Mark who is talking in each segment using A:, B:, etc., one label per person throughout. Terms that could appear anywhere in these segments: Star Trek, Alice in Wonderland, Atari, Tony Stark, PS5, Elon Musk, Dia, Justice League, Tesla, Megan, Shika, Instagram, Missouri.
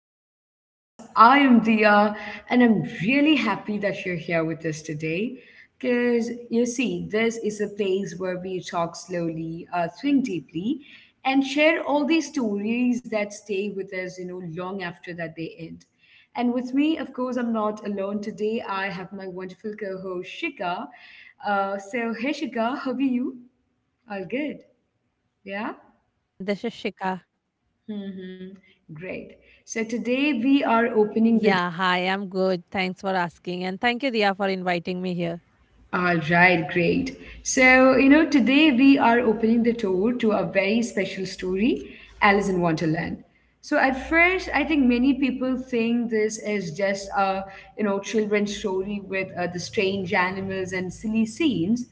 A: to our podcast. I am Dia, and I'm really happy that you're here with us today. Because you see, this is a place where we talk slowly, think deeply, and share all these stories that stay with us, you know, long after that they end. And with me, of course, I'm not alone today. I have my wonderful co-host Shika. Hey Shika, how are you? All good?
B: Hi
A: Yeah.
B: everyone, this is Shika. Yeah,
A: Mm-hmm.
B: hi, I'm good.
A: Great.
B: Thanks
A: So
B: for
A: today
B: asking. And
A: we
B: thank
A: are
B: you, Dia, for
A: opening the.
B: inviting me here.
A: All right, great. So, you know, today we are opening the door to a very special story, Alice in Wonderland. So at first, I think many people think this is just a, you know, children's story with the strange animals and silly scenes.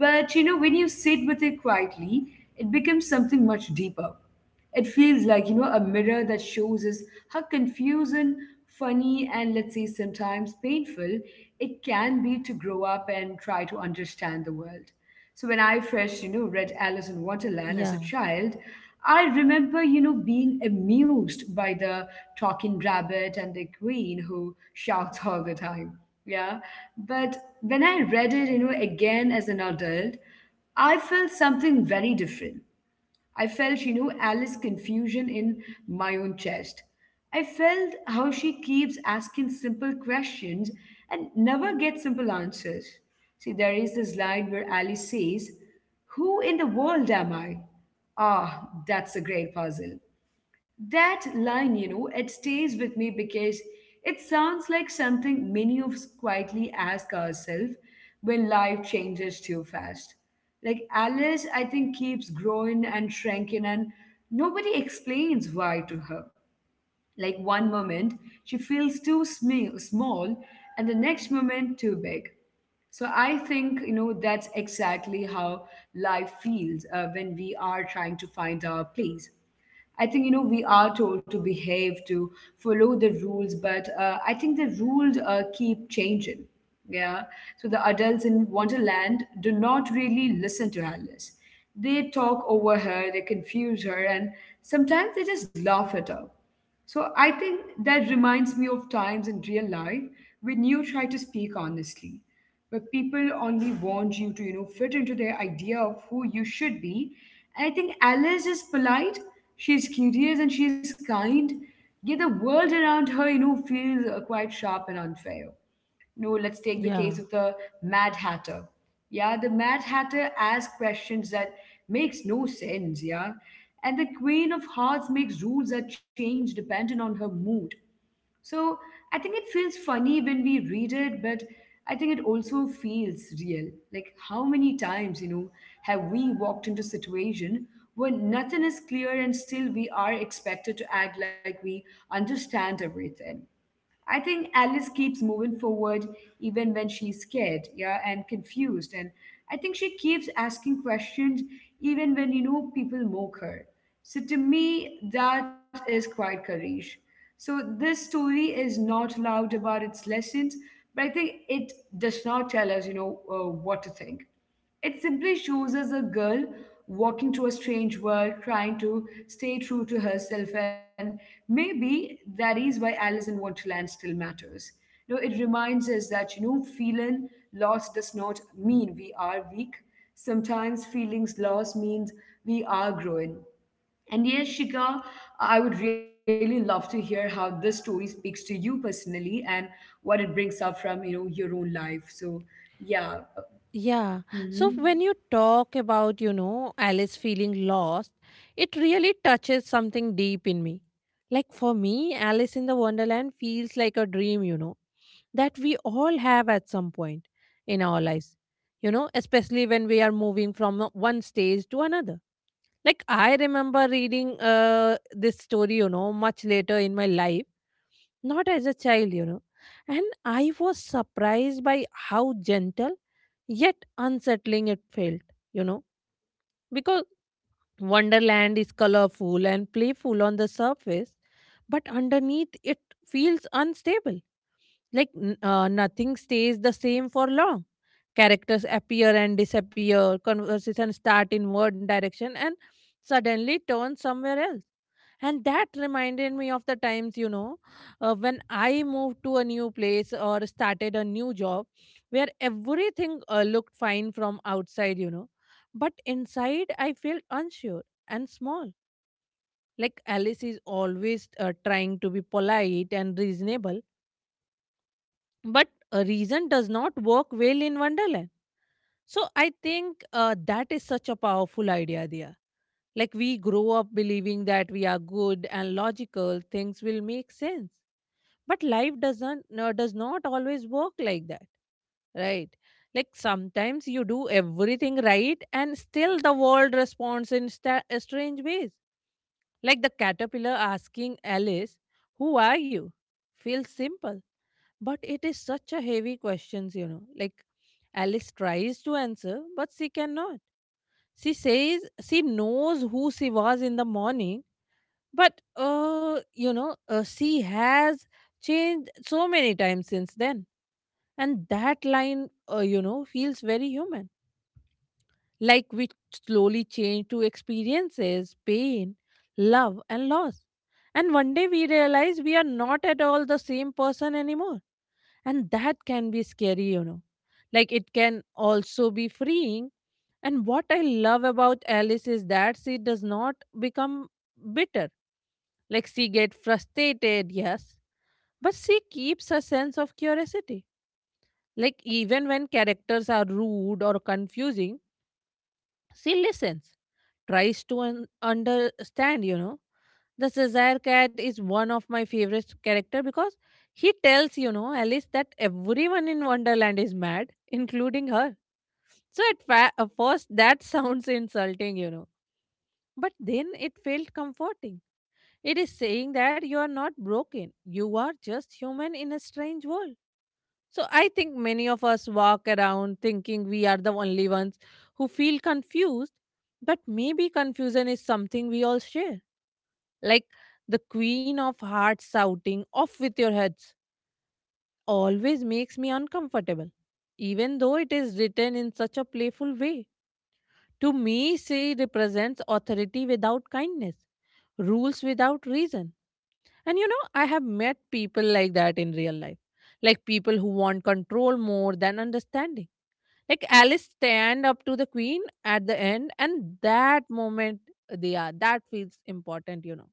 A: But, you know, when you sit with it quietly, it becomes something much deeper. It feels like, you know, a mirror that shows us how confusing, funny, and let's say sometimes painful it can be to grow up and try to understand the world. So when I
B: Yeah,
A: first, you know, read Alice in Wonderland as a child, I remember, you know, being amused by the talking rabbit and the queen who shouts all the time. Yeah. But when I read it, you know, again as an adult, I felt something very different. I felt, you know, Alice's confusion in my own chest. I felt how she keeps asking simple questions and never gets simple answers. See, there is this line where Alice says, "Who in the world am I? Ah, that's a great puzzle." That line, you know, it stays with me because it sounds like something many of us quietly ask ourselves when life changes too fast. Like Alice, I think, keeps growing and shrinking, and nobody explains why to her. Like one moment, she feels too small, and the next moment, too big. So I think you know that's exactly how life feels when we are trying to find our place. I think you know we are told to behave to follow the rules, but I think the rules keep changing. Yeah, so the adults in Wonderland do not really listen to Alice. They talk over her, they confuse her, and sometimes they just laugh at her. So I think that reminds me of times in real life when you try to speak honestly where people only want you to, you know, fit into their idea of who you should be. And I think Alice is polite, she's curious, and she's kind. Yet the world around her, you know, feels quite sharp and unfair. No, let's take
B: yeah,
A: the case of the Mad Hatter. Yeah, the Mad Hatter asks questions that makes no sense, yeah. And the Queen of Hearts makes rules that change depending on her mood. So I think it feels funny when we read it, but I think it also feels real. Like how many times, you know, have we walked into situation where nothing is clear and still we are expected to act like we understand everything. I think Alice keeps moving forward even when she's scared, yeah, and confused. And I think she keeps asking questions even when, you know, people mock her. So to me, that is quite courage. So this story is not loud about its lessons, but I think it does not tell us, you know, what to think. It simply shows us a girl walking through a strange world, trying to stay true to herself, and maybe that is why Alice in Wonderland still matters. You know, it reminds us that you know, feeling lost does not mean we are weak. Sometimes feelings lost means we are growing. And yes, Shika, I would really love to hear how this story speaks to you personally and what it brings up from you know your own life. So, yeah.
B: yeah. So, when
A: Mhm.
B: you talk about, Alice feeling lost, it really touches something deep in me. Like for me, Alice in the Wonderland feels like a dream, you know, that we all have at some point in our lives, you know, especially when we are moving from one stage to another. Like I remember reading this story, much later in my life, not as a child, you know. And I was surprised by how gentle yet unsettling it felt, you know, because Wonderland is colorful and playful on the surface, but underneath it feels unstable. Like nothing stays the same for long. Characters appear and disappear, conversations start in one direction and suddenly turn somewhere else. And that reminded me of the times, you know, when I moved to a new place or started a new job where everything looked fine from outside, you know. But inside, I felt unsure and small. Like Alice is always trying to be polite and reasonable, but a reason does not work well in Wonderland. So I think that is such a powerful idea there. Like we grow up believing that we are good and logical, things will make sense. But life doesn't, no, does not always work like that, right? Like sometimes you do everything right and still the world responds in strange ways. Like the caterpillar asking Alice, "Who are you?" feels simple, but it is such a heavy questions, you know. Like Alice tries to answer, but she cannot. She says she knows who she was in the morning, but she has changed so many times since then. And that line, feels very human. Like we slowly change to experiences, pain, love, and loss. And one day we realize we are not at all the same person anymore, and that can be scary, you know. Like it can also be freeing. And what I love about Alice is that she does not become bitter. Like she get frustrated, yes, but she keeps a sense of curiosity. Like even when characters are rude or confusing, she listens, tries to understand, you know. The Caesar cat is one of my favorite character because he tells, you know, Alice that everyone in Wonderland is mad, including her. So at first that sounds insulting, you know, but then it felt comforting. It is saying that you are not broken. You are just human in a strange world. So I think many of us walk around thinking we are the only ones who feel confused, but maybe confusion is something we all share. Like the Queen of Hearts shouting, "Off with your heads," always makes me uncomfortable, even though it is written in such a playful way. To me, she represents authority without kindness, rules without reason. And you know, I have met people like that in real life, like people who want control more than understanding. Like Alice stand up to the queen at the end, and that moment, they are, that feels important, you know.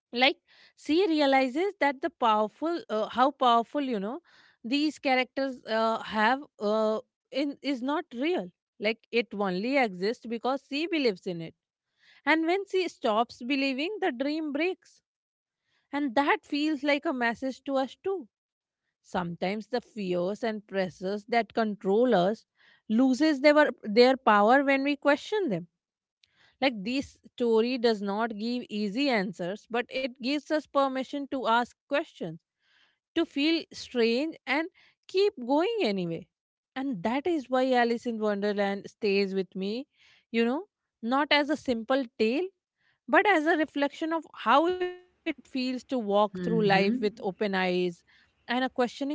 B: Like she realizes that the powerful, how powerful, you know, these characters have, in, is not real. Like it only exists because she believes in it, and when she stops believing, the dream breaks, and that feels like a message to us too. Sometimes the fears and pressures that control us loses their power when we question them. Like this story does not give easy answers, but it gives us permission to ask questions, to feel strange and keep going anyway. And that is why Alice in Wonderland stays with me, you know, not as a simple tale, but as a reflection of how it feels to walk through life with
A: Mm-hmm.
B: open eyes and a questioning heart.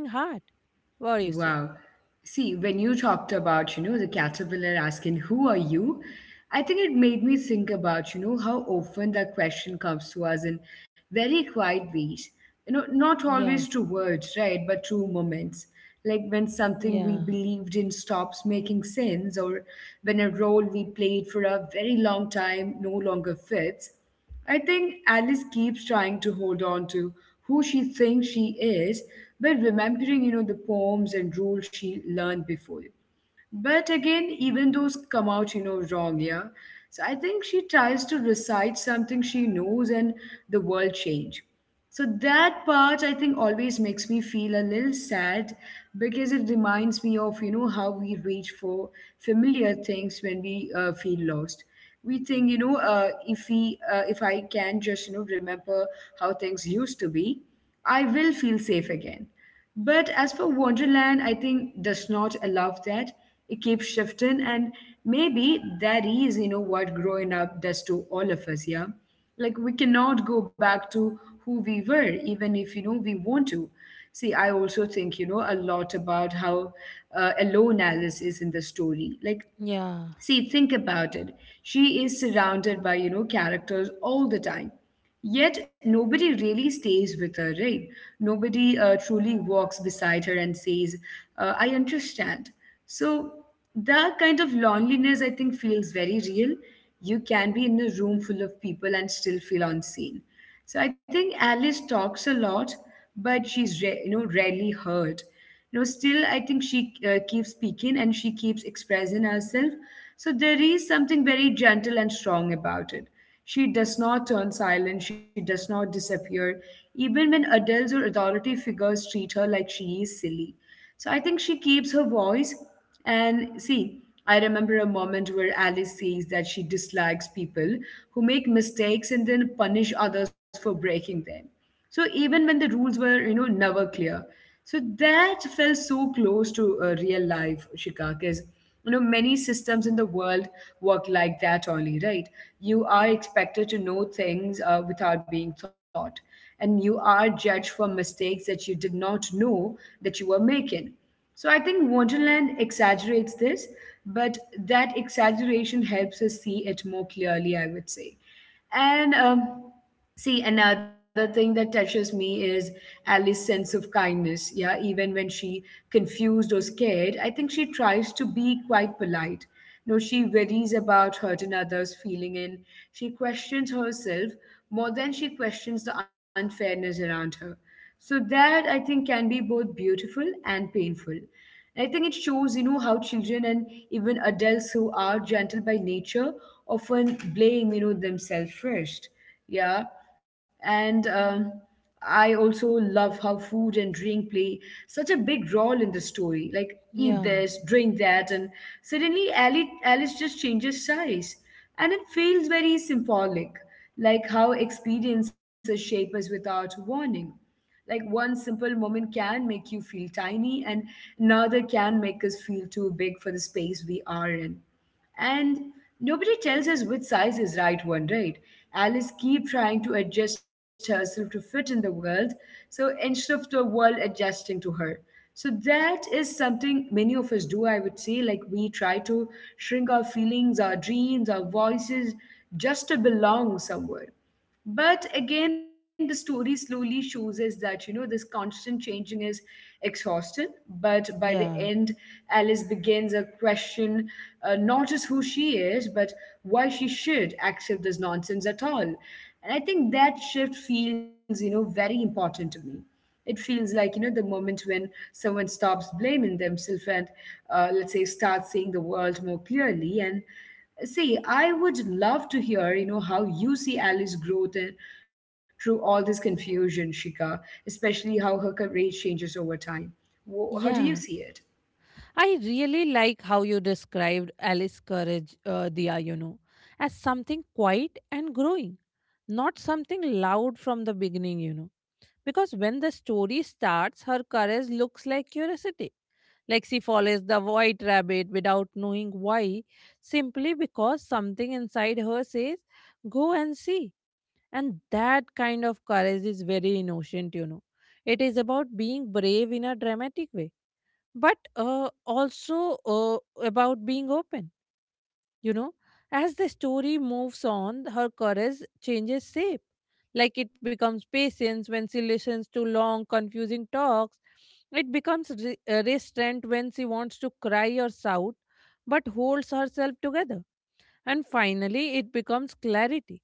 B: What do you say?
A: Wow. See, when you talked about, you know, the caterpillar asking, "Who are you?" I think it made me think about, you know, how often that question comes to us in very quiet ways. You know, not
B: Yeah,
A: always through words, right? But through moments. Like when something we
B: yeah,
A: believed in stops making sense, or when a role we played for a very long time no longer fits. I think Alice keeps trying to hold on to who she thinks she is by remembering, you know, the poems and rules she learned before. But again, even those come out, you know, wrong, yeah. So I think she tries to recite something she knows and the world change. So that part I think always makes me feel a little sad because it reminds me of, you know, how we reach for familiar things when we feel lost. We think, you know, if I can just, you know, remember how things used to be, I will feel safe again. But as for Wonderland, I think does not allow that. It keeps shifting, and maybe that is, you know, what growing up does to all of us. Yeah, like we cannot go back to who we were, even if you know we want to. See, I also think you know a lot about how alone Alice is in the story. Like
B: yeah,
A: See, think about it. She is surrounded by, you know, characters all the time. Yet nobody really stays with her, right? Nobody truly walks beside her and says, I understand. So that kind of loneliness, I think, feels very real. You can be in a room full of people and still feel unseen. So I think Alice talks a lot, but she's you know rarely heard. You know, still I think she keeps speaking and she keeps expressing herself. So there is something very gentle and strong about it. She does not turn silent. She does not disappear, even when adults or authority figures treat her like she is silly. So I think she keeps her voice. And see, I remember a moment where Alice says that she dislikes people who make mistakes and then punish others for breaking them. So even when the rules were, you know, never clear. So that felt so close to real life, Shika, because, you know, many systems in the world work like that only, right? You are expected to know things without being taught and you are judged for mistakes that you did not know that you were making. So I think Wonderland exaggerates this, but that exaggeration helps us see it more clearly, I would say. And see, another thing that touches me is Alice's sense of kindness. Yeah, even when she confused or scared, I think she tries to be quite polite. No, she worries about hurt and others' feeling, and she questions herself more than she questions the unfairness around her. So that I think can be both beautiful and painful. And I think it shows, you know, how children and even adults who are gentle by nature often blame, you know, themselves first. Yeah, and I also love how food and drink play such a big role in the story. Like, eat
B: yeah,
A: this, drink that, and suddenly Alice just changes size. And it feels very symbolic, like how experiences shape us without warning. Like, one simple moment can make you feel tiny, and another can make us feel too big for the space we are in. And nobody tells us which size is right one, right? Alice keep trying to adjust herself to fit in the world, so instead of the world adjusting to her. So that is something many of us do, I would say. Like we try to shrink our feelings, our dreams, our voices just to belong somewhere. But again, the story slowly shows us that, you know, this constant changing is exhausting. But by the
B: yeah.
A: end, Alice begins a question not just who she is, but why she should accept this nonsense at all. And I think that shift feels, you know, very important to me. It feels like, you know, the moment when someone stops blaming themselves and, let's say, starts seeing the world more clearly. And see, I would love to hear, you know, how you see Alice's growth through all this confusion, Shika, especially how her career changes over time. How
B: Yeah,
A: do you see it?
B: I really like how you described Alice Courage, Dia, you know, as something quiet and growing, not something loud from the beginning, you know. Because when the story starts, her courage looks like curiosity. Like she follows the white rabbit without knowing why, simply because something inside her says, "Go and see." And that kind of courage is very innocent, you know. It is about being brave in a dramatic way, but also about being open, you know. As the story moves on, her courage changes shape. Like it becomes patience when she listens to long, confusing talks. It becomes restraint when she wants to cry or shout, but holds herself together. And finally, it becomes clarity.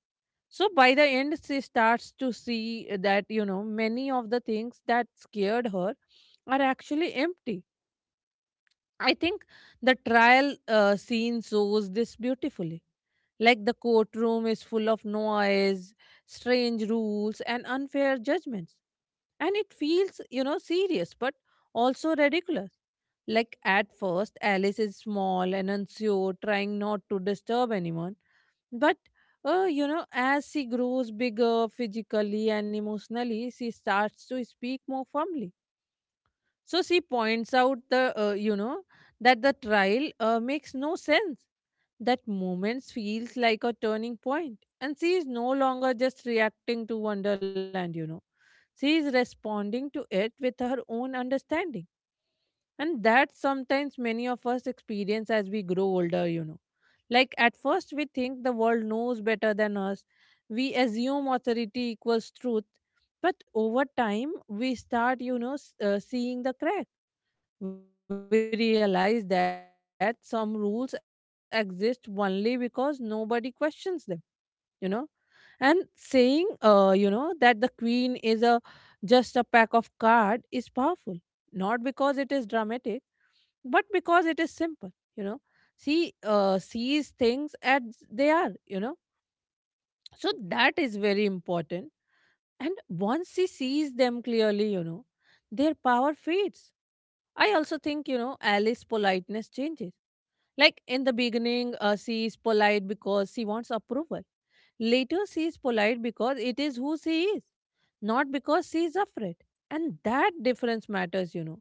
B: So by the end, she starts to see that, you know, many of the things that scared her are actually empty. I think the trial scene shows this beautifully. Like the courtroom is full of noise, strange rules, and unfair judgments. And it feels, you know, serious but also ridiculous. Like at first, Alice is small and unsure, trying not to disturb anyone, but you know, as she grows bigger physically and emotionally, she starts to speak more firmly. So she points out the, you know, that the trial makes no sense. That moment feels like a turning point, and she is no longer just reacting to Wonderland. You know, she is responding to it with her own understanding, and that sometimes many of us experience as we grow older. You know, like at first, we think the world knows better than us. We assume authority equals truth. But over time, we start, you know, seeing the crack. We realize that some rules exist only because nobody questions them, you know. And saying, you know, that the queen is a just a pack of card is powerful, not because it is dramatic, but because it is simple, you know. She sees things as they are, you know, so that is very important. And once he sees them clearly, you know, their power fades. I also think, you know, Alice's politeness changes. Like in the beginning, she is polite because she wants approval. Later, she is polite because it is who she is, not because she is afraid. And that difference matters, you know.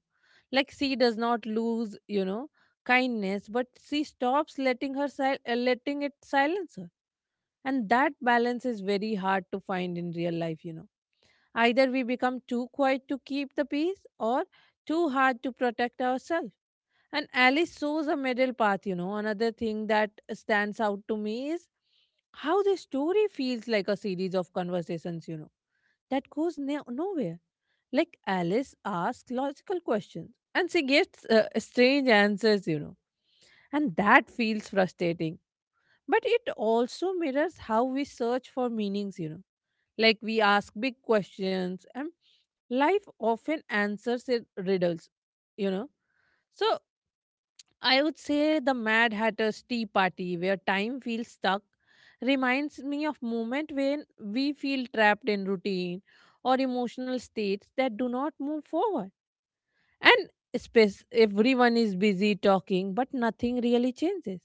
B: Like she does not lose, you know, kindness, but she stops letting it silence her. And that balance is very hard to find in real life, you know. Either we become too quiet to keep the peace or too hard to protect ourselves. And Alice shows a middle path, you know. Another thing that stands out to me is how the story feels like a series of conversations, you know, that goes nowhere. Like Alice asks logical questions and she gets strange answers, you know, and that feels frustrating. But it also mirrors how we search for meanings, you know, like we ask big questions and life often answers in riddles, you know. So I would say the Mad Hatter's Tea Party, where time feels stuck, reminds me of moment when we feel trapped in routine or emotional states that do not move forward. And space everyone is busy talking, but nothing really changes.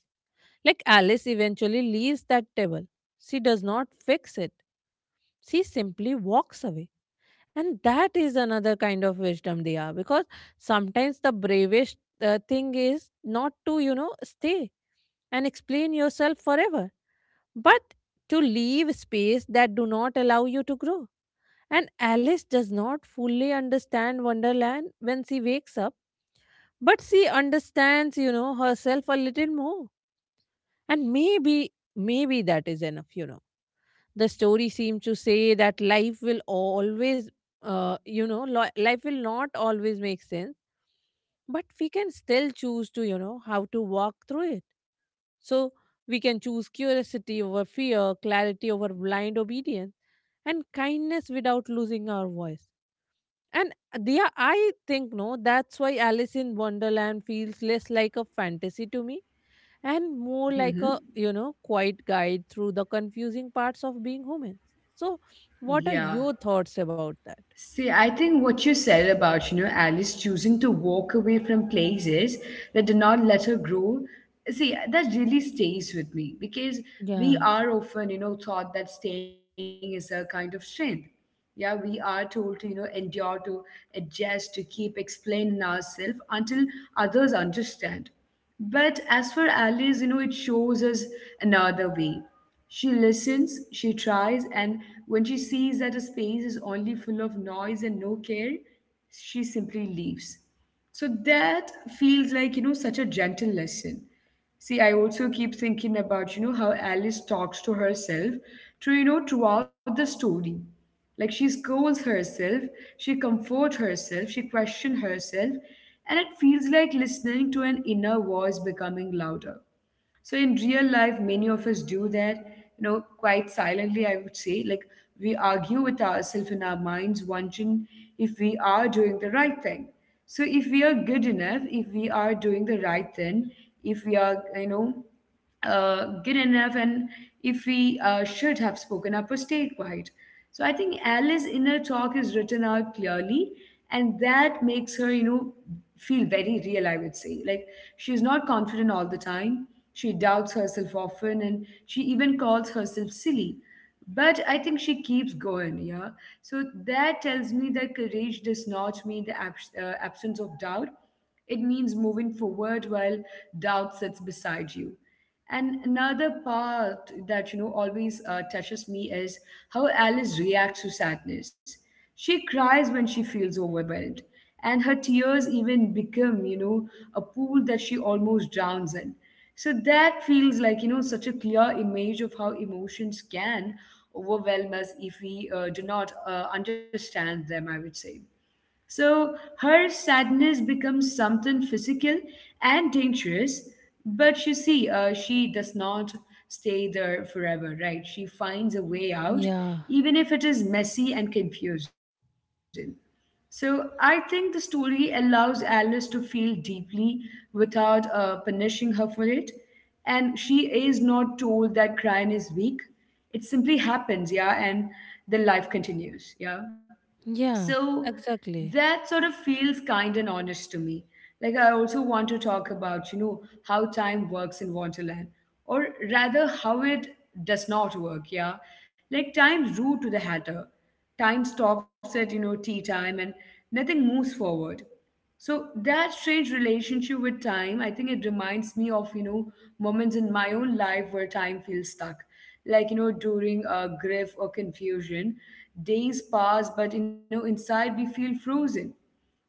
B: Like Alice eventually leaves that table. She does not fix it. She simply walks away. And that is another kind of wisdom they are, because sometimes the bravest thing is not to, you know, stay and explain yourself forever, but to leave space that do not allow you to grow. And Alice does not fully understand Wonderland when she wakes up, but she understands, you know, herself a little more. And maybe, maybe that is enough, you know. The story seems to say that life will always, life will not always make sense, but we can still choose to, you know, how to walk through it. So we can choose curiosity over fear, clarity over blind obedience, and kindness without losing our voice. And Dia, I think, no, that's why Alice in Wonderland feels less like a fantasy to me and more
A: Hmm.
B: like a, you know, quiet guide through the confusing parts of being human. So, what are
A: Yeah.
B: your thoughts about that?
A: See, I think what you said about, you know, Alice choosing to walk away from places that do not let her grow, see, that really stays with me because
B: Yeah.
A: we are often, you know, taught that staying is a kind of strength. Yeah, we are told to, you know, endure, to adjust, to keep explaining ourselves until others understand. But as for Alice, you know, it shows us another way. She listens, she tries, and when she sees that a space is only full of noise and no care, she simply leaves. So that feels like, you know, such a gentle lesson. See, I also keep thinking about, you know, how Alice talks to herself to, you know, throughout the story. Like she scolds herself, she comforts herself, she questions herself, and it feels like listening to an inner voice becoming louder. So in real life, many of us do that, you know, quite silently, I would say. Like we argue with ourselves in our minds, wondering if we are doing the right thing. So if we are good enough, if we are doing the right thing, if we are, you know, good enough and if we should have spoken up or stayed quiet. So I think Alice's inner talk is written out clearly, and that makes her, you know, feel very real, I would say. Like, she's not confident all the time. She doubts herself often, and she even calls herself silly. But I think she keeps going, yeah. So that tells me that courage does not mean the absence of doubt. It means moving forward while doubt sits beside you. And another part that you know always touches me is how Alice reacts to sadness. She cries when she feels overwhelmed, and her tears even become, you know, a pool that she almost drowns in. So that feels like, you know, such a clear image of how emotions can overwhelm us if we do not understand them, I would say. So her sadness becomes something physical and dangerous. But you see, she does not stay there forever, right? She finds a way out,
B: Yeah.
A: even if it is messy and confusing. So I think the story allows Alice to feel deeply without punishing her for it. And she is not told that crying is weak. It simply happens, yeah, and then life continues, yeah.
B: Yeah.
A: So
B: Exactly.
A: that sort of feels kind and honest to me. Like I also want to talk about, you know, how time works in Wonderland, or rather how it does not work, yeah. Like time's rude to the hatter. Time stops at, you know, tea time and nothing moves forward. So that strange relationship with time, I think it reminds me of, you know, moments in my own life where time feels stuck. Like, you know, during grief or confusion, days pass, but, you know, inside we feel frozen.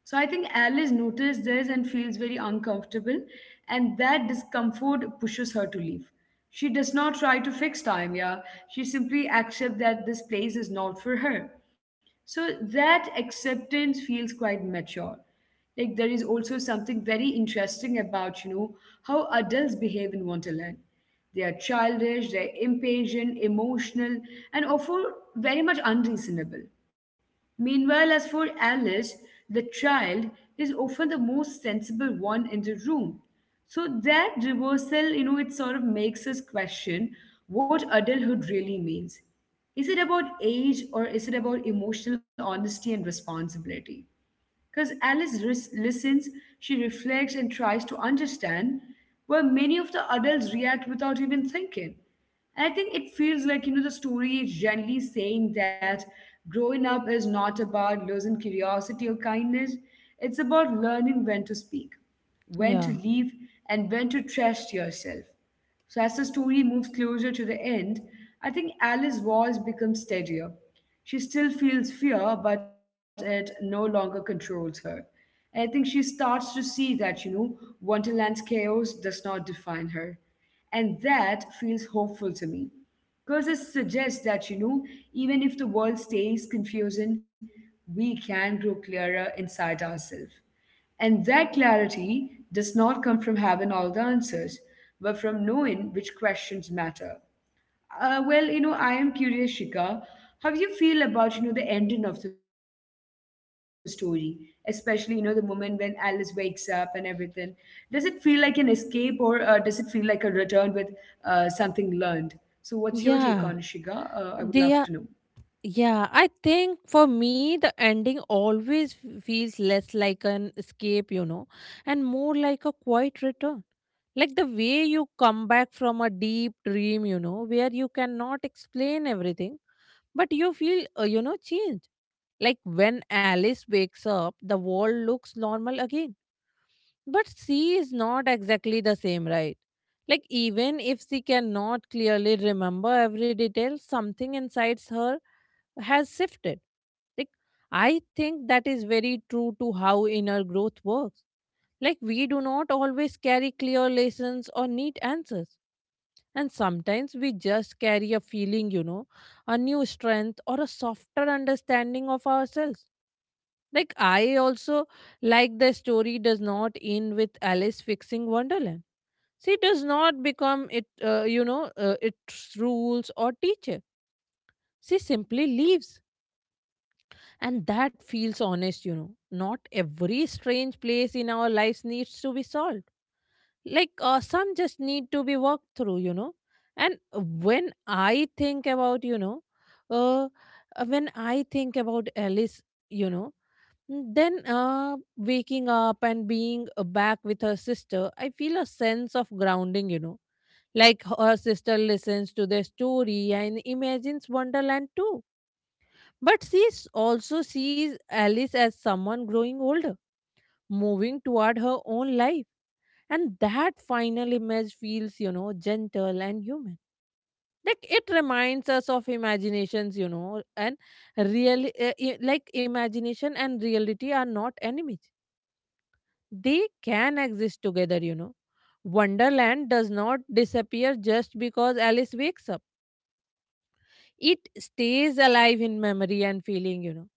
A: So I think Alice noticed this and feels very uncomfortable, and that discomfort pushes her to leave. She does not try to fix time, yeah. She simply accepts that this place is not for her. So that acceptance feels quite mature. Like there is also something very interesting about, you know, how adults behave in Wonderland. They are childish, they're impatient, emotional, and often very much unreasonable. Meanwhile, as for Alice, the child is often the most sensible one in the room. So that reversal, you know, it sort of makes us question what adulthood really means. Is it about age or is it about emotional honesty and responsibility? Because Alice listens, she reflects and tries to understand, where many of the adults react without even thinking. And I think it feels like, you know, the story is generally saying that growing up is not about losing curiosity or kindness, it's about learning when to speak, when
B: Yeah.
A: to leave, and when to trust yourself. So as the story moves closer to the end, I think Alice's voice becomes steadier. She still feels fear, but it no longer controls her. And I think she starts to see that, you know, Wonderland's chaos does not define her. And that feels hopeful to me. Because it suggests that, you know, even if the world stays confusing, we can grow clearer inside ourselves. And that clarity does not come from having all the answers, but from knowing which questions matter. Well, you know, I am curious, Shika, how you feel about, you know, the ending of the story, especially, you know, the moment when Alice wakes up and everything. Does it feel like an escape or does it feel like a return with something learned? So what's your take on it, Shika? I
B: Yeah.
A: would love to know.
B: They Yeah, I think for me, the ending always feels less like an escape, you know, and more like a quiet return. Like the way you come back from a deep dream, you know, where you cannot explain everything, but you feel, you know, changed. Like when Alice wakes up, the world looks normal again, but C is not exactly the same, right? Like, even if she cannot clearly remember every detail, something inside her has shifted. Like, I think that is very true to how inner growth works. Like, we do not always carry clear lessons or neat answers. And sometimes we just carry a feeling, you know, a new strength or a softer understanding of ourselves. Like, I also like the story does not end with Alice fixing Wonderland. She does not become its rules or teacher. She simply leaves. And that feels honest, you know. Not every strange place in our lives needs to be solved like some just need to be walked through, you know. And when I think about, you know, uh, when I think about Alice, you know, mm, then waking up and being, back with her sister, I feel a sense of grounding, you know. Like her sister listens to the story and imagines Wonderland too, but also sees Alice as someone growing older, moving toward her own life. And that final image feels, you know, gentle and human. Like it reminds us of imaginations, you know, and like imagination and reality are not enemies. They can exist together, you know. Wonderland does not disappear just because Alice wakes up. It stays alive in memory and feeling, you know.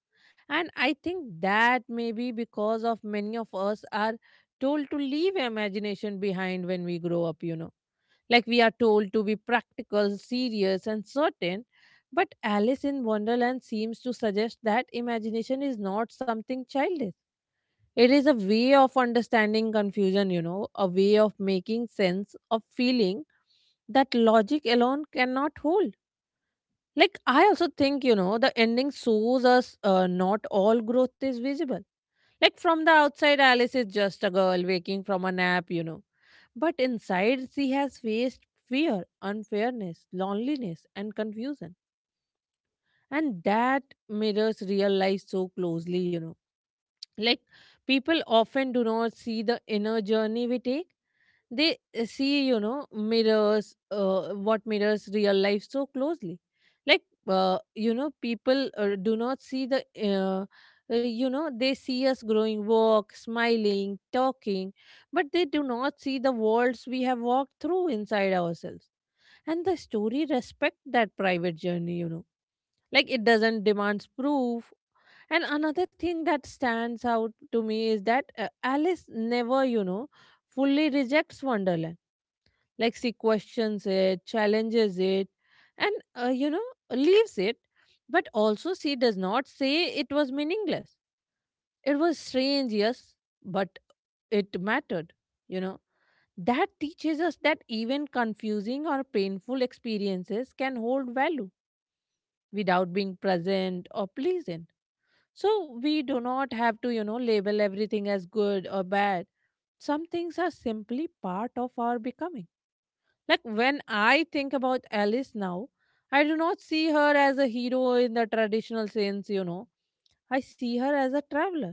B: And I think that maybe because of many of us are told to leave imagination behind when we grow up, you know. Like we are told to be practical, serious, and certain, but Alice in Wonderland seems to suggest that imagination is not something childish. It is a way of understanding confusion, you know, a way of making sense of feeling that logic alone cannot hold. Like, I also think, you know, the ending shows us not all growth is visible. Like from the outside, Alice is just a girl waking from a nap, you know. But inside, she has faced fear, unfairness, loneliness, and confusion. And that mirrors real life so closely, you know. Like people often do not see the inner journey we take. They see, you know, mirrors what mirrors real life so closely. Like, you know, people do not see the you know, they see us growing, walk, smiling, talking, but they do not see the worlds we have walked through inside ourselves. And the story respect that private journey, you know. Like it doesn't demand proof. And another thing that stands out to me is that Alice never, you know, fully rejects Wonderland. Like she questions it, challenges it, and, you know, leaves it. But also she does not say it was meaningless. It was strange, yes, but it mattered, you know. That teaches us that even confusing or painful experiences can hold value without being present or pleasant. So we do not have to, you know, label everything as good or bad. Some things are simply part of our becoming. Like when I think about Alice now, I do not see her as a hero in the traditional sense, you know. I see her as a traveler,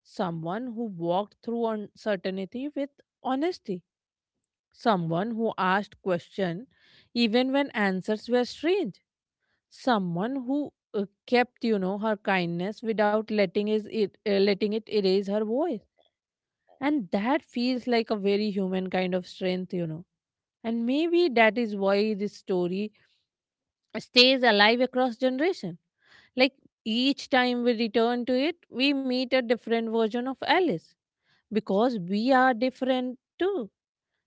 B: someone who walked through uncertainty with honesty, someone who asked questions even when answers were strange. Someone who kept, you know, her kindness without letting it erase her voice, and that feels like a very human kind of strength, you know. And maybe that is why this story stays alive across generation. Like each time we return to it, we meet a different version of Alice because we are different too.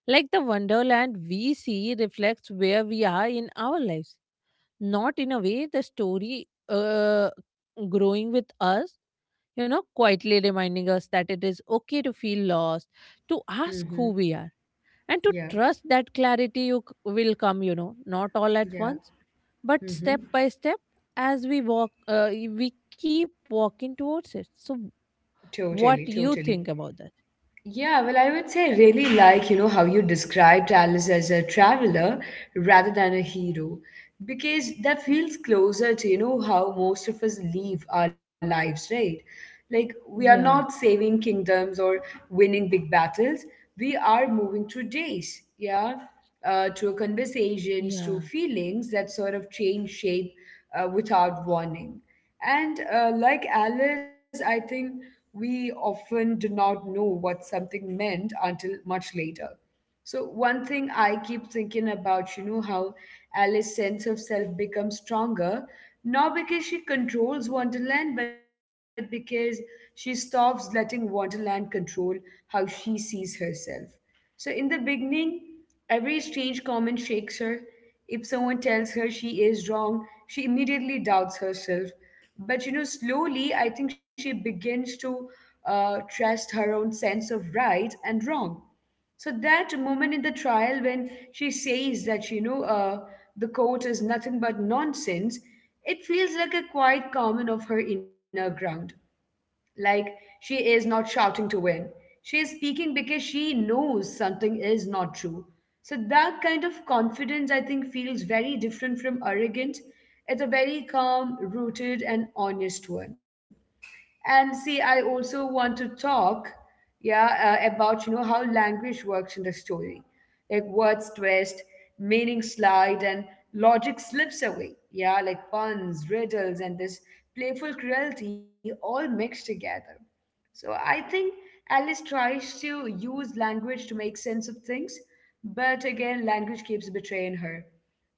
B: Like the wonderland we see reflects where we are in our lives, not in a way the story growing with us, you know, quietly reminding us that it is okay to feel lost, to ask
A: Mm-hmm.
B: who we are, and to
A: Yeah,
B: trust that clarity will come, you know, not all at
A: yeah.
B: once, but step
A: Mm-hmm.
B: by step. As we walk, we keep walking towards it. So what
A: Totally,
B: you think
A: totally.
B: about that?
A: Yeah, well, I would say I really like, you know, how you described Alice as a traveler rather than a hero, because that feels closer to, you know, how most of us live our lives, right? Like, we are
B: Yeah,
A: not saving kingdoms or winning big battles. We are moving through days, yeah, through
B: yeah,
A: conversations, through feelings that sort of change shape without warning. And like Alice, I think we often do not know what something meant until much later. So one thing I keep thinking about, you know, how Alice's sense of self becomes stronger, not because she controls Wonderland, but because she stops letting Wonderland control how she sees herself. So in the beginning, every strange comment shakes her. If someone tells her she is wrong, she immediately doubts herself. But you know, slowly, I think she begins to trust her own sense of right and wrong. So that moment in the trial when she says that you know the court is nothing but nonsense, it feels like a quiet comment of her inner ground. Like, she is not shouting to win. She is speaking because she knows something is not true. So, that kind of confidence, I think, feels very different from arrogant. It's a very calm, rooted, and honest one. And see, I also want to talk, yeah, about you know how language works in the story, like words twist, meaning slide, and logic slips away. Yeah, like puns, riddles, and this playful cruelty all mixed together. So I think Alice tries to use language to make sense of things, but again, language keeps betraying her.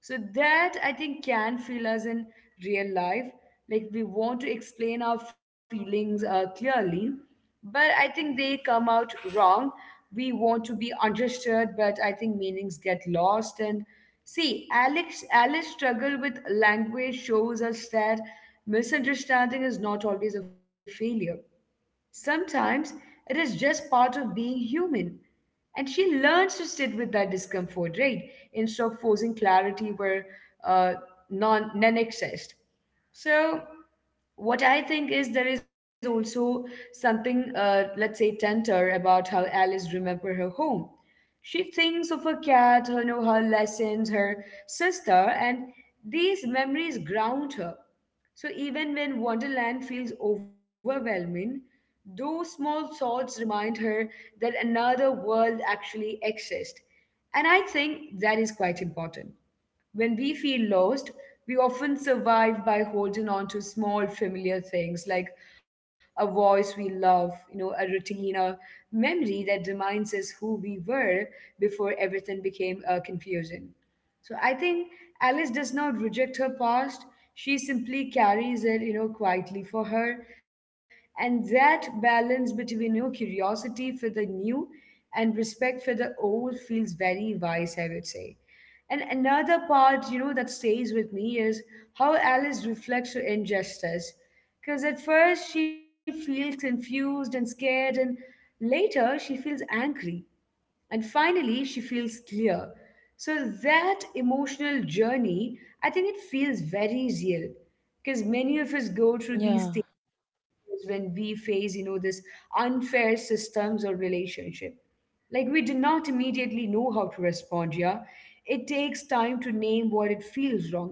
A: So that I think can feel us in real life. Like we want to explain our feelings clearly, but I think they come out wrong. We want to be understood, but I think meanings get lost. And see, Alice struggle with language shows us that misunderstanding is not always a failure. Sometimes it is just part of being human. And she learns to sit with that discomfort, right? Instead of forcing clarity where uh, none exists. So, what I think is there is also something, let's say, tender about how Alice remember her home. She thinks of her cat, her, you know, her lessons, her sister, and these memories ground her. So even when Wonderland feels overwhelming, those small thoughts remind her that another world actually exists. And I think that is quite important. When we feel lost, we often survive by holding on to small familiar things like a voice we love, you know, a routine, a memory that reminds us who we were before everything became confusing. So I think Alice does not reject her past. She simply carries it, you know, quietly for her. And that balance between, you know, curiosity for the new and respect for the old feels very wise, I would say. And another part, you know, that stays with me is how Alice reflects her injustice. Because at first she feels confused and scared, and later she feels angry and finally she feels clear. So that emotional journey, I think it feels very real because many of us go through
B: yeah,
A: these stages when we face, you know, this unfair systems or relationship. Like we do not immediately know how to respond, yeah. It takes time to name what it feels wrong.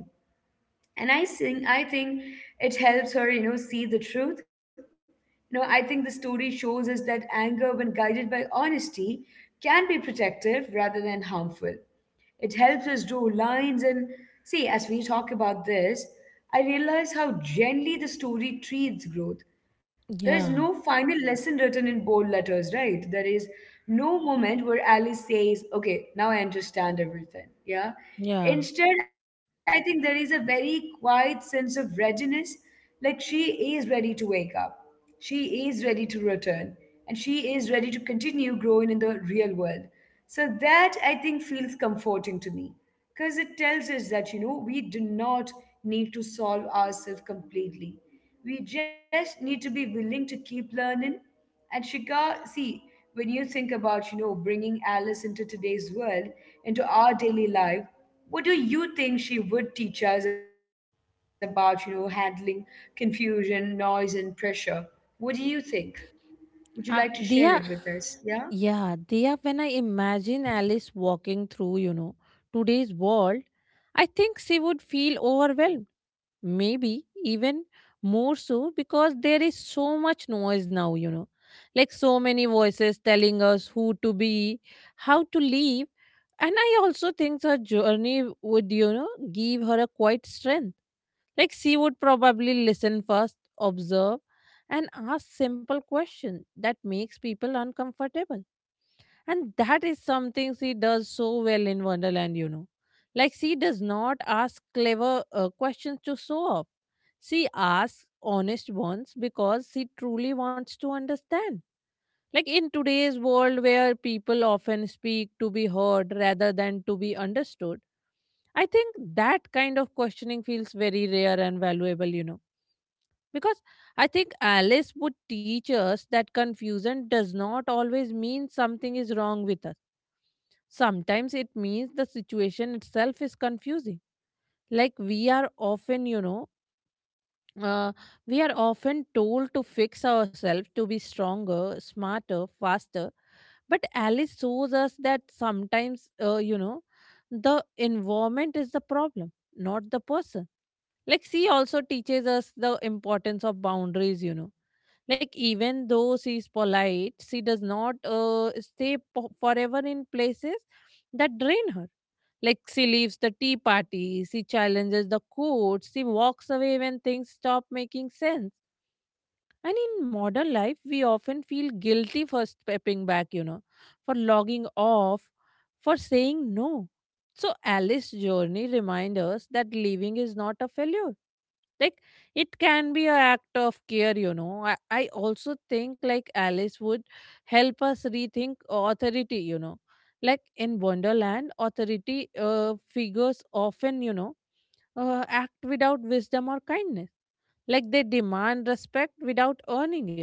A: And I think it helps her, you know, see the truth. You know, I think the story shows us that anger, when guided by honesty, can be protective rather than harmful. It helps us do lines. And see, as we talk about this, I realize how gently the story treats growth. There is
B: yeah,
A: no final lesson written in bold letters, right? There is no moment where Alice says, okay, now I understand everything. Yeah.
B: yeah.
A: Instead, I think there is a very quiet sense of readiness, like she is ready to wake up. She is ready to return. And she is ready to continue growing in the real world. So that I think feels comforting to me because it tells us that, you know, we do not need to solve ourselves completely. We just need to be willing to keep learning. And Shika, see, when you think about, you know, bringing Alice into today's world, into our daily life, what do you think she would teach us about, you know, handling confusion, noise, and pressure? What do you think? Would you like to share it with
B: Uh,
A: us?
B: Dia.
A: Yeah?
B: Yeah, they are when I imagine Alice walking through, you know, today's world, I think she would feel overwhelmed. Maybe even more so because there is so much noise now, you know, like so many voices telling us who to be, how to live. And I also think her journey would, you know, give her a quite strength. Like she would probably listen first, observe, and ask simple questions that makes people uncomfortable, and that is something she does so well in Wonderland, you know. Like, she does not ask clever questions to show off. She asks honest ones because she truly wants to understand. Like, in today's world where people often speak to be heard rather than to be understood, I think that kind of questioning feels very rare and valuable, you know. Because I think Alice would teach us that confusion does not always mean something is wrong with us. Sometimes it means the situation itself is confusing. Like uh, we are often told to fix ourselves to be stronger, smarter, faster. But Alice shows us that sometimes, you know, the environment is the problem, not the person. Like she also teaches us the importance of boundaries, you know. Like, even though she's polite, she does not forever in places that drain her. Like, she leaves the tea party, she challenges the code, she walks away when things stop making sense. And in modern life, we often feel guilty for stepping back, you know, for logging off, for saying no. So, Alice's journey reminds us that leaving is not a failure. Like it can be an act of care, you know. I also think like Alice would help us rethink authority, you know. Like in Wonderland, authority figures often, you know, act without wisdom or kindness. Like they demand respect without earning it.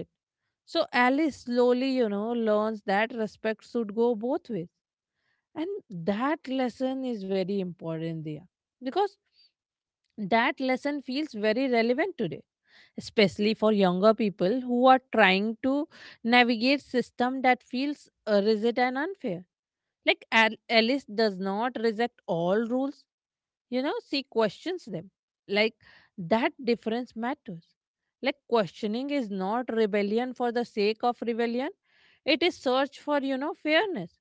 B: So Alice slowly, you know, learns that respect should go both ways. And that lesson is very important there. Because that lesson feels very relevant today, especially for younger people who are trying to navigate system that feels rigid and unfair. Like, and Alice does not reject all rules, you know, she questions them. Like, that difference matters. Like, questioning is not rebellion for the sake of rebellion, it is search for, you know, fairness.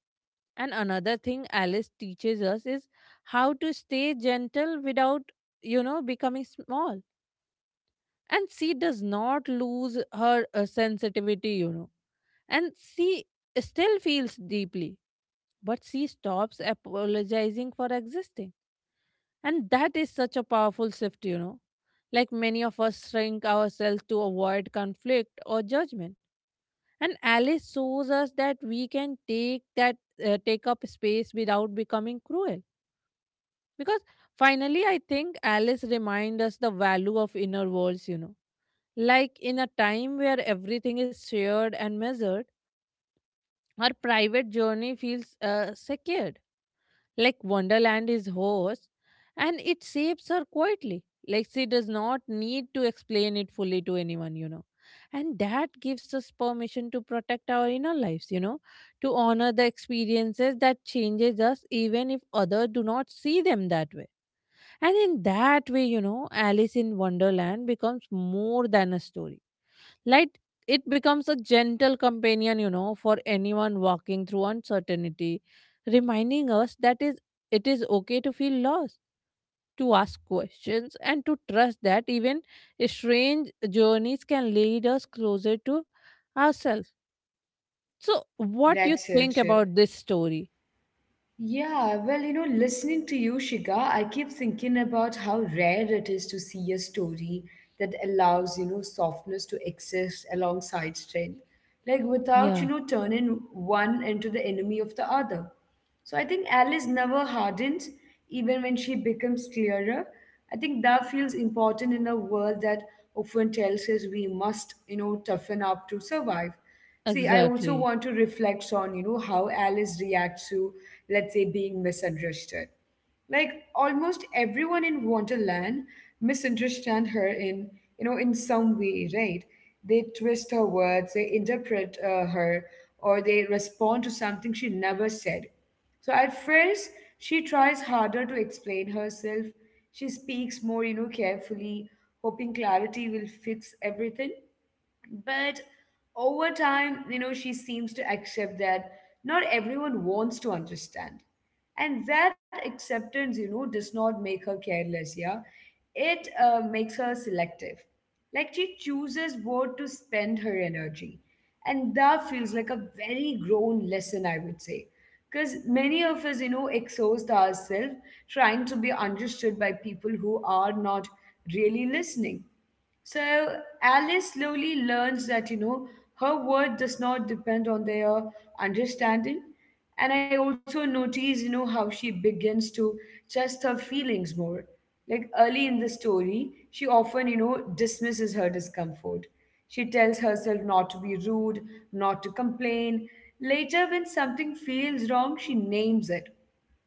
B: And another thing Alice teaches us is how to stay gentle without, you know, becoming small. And she does not lose her sensitivity, you know, and she still feels deeply, but she stops apologizing for existing. And that is such a powerful shift, you know. Like many of us shrink ourselves to avoid conflict or judgment. And Alice shows us that we can take up space without becoming cruel. Because finally, I think Alice reminds us the value of inner walls, you know. Like in a time where everything is shared and measured, our private journey feels secured like Wonderland is host, and it shapes her quietly. Like she does not need to explain it fully to anyone, you know. And that gives us permission to protect our inner lives, you know, to honor the experiences that changes us even if others do not see them that way. And in that way, you know, Alice in Wonderland becomes more than a story. Like it becomes a gentle companion, you know, for anyone walking through uncertainty, reminding us that is it is okay to feel lost, to ask questions, and to trust that even strange journeys can lead us closer to ourselves. So, what you
A: That's it.
B: think about this story?
A: Yeah, well, listening to you, Shiga, I keep thinking about how rare it is to see a story that allows softness to exist alongside strength, like without,
B: Yeah,
A: you know, turning one into the enemy of the other. So I think Alice never hardens, even when she becomes clearer. I think that feels important in a world that often tells us we must toughen up to survive. See, I also
B: exactly.
A: want to reflect on how Alice reacts to, let's say, being misunderstood. Like almost everyone in Wonderland misunderstand her in some way, right? They twist her words, they interpret her, or they respond to something she never said. So at first, she tries harder to explain herself. She speaks more carefully, hoping clarity will fix everything, but over time, she seems to accept that not everyone wants to understand, and that acceptance does not make her careless. Yeah, it makes her selective. Like, she chooses where to spend her energy, and that feels like a very grown lesson, I would say. Because many of us exhaust ourselves trying to be understood by people who are not really listening. So Alice slowly learns that her word does not depend on their understanding. And I also notice how she begins to trust her feelings more. Like early in the story, she often dismisses her discomfort. She tells herself not to be rude, not to complain. Later, when something feels wrong, she names it.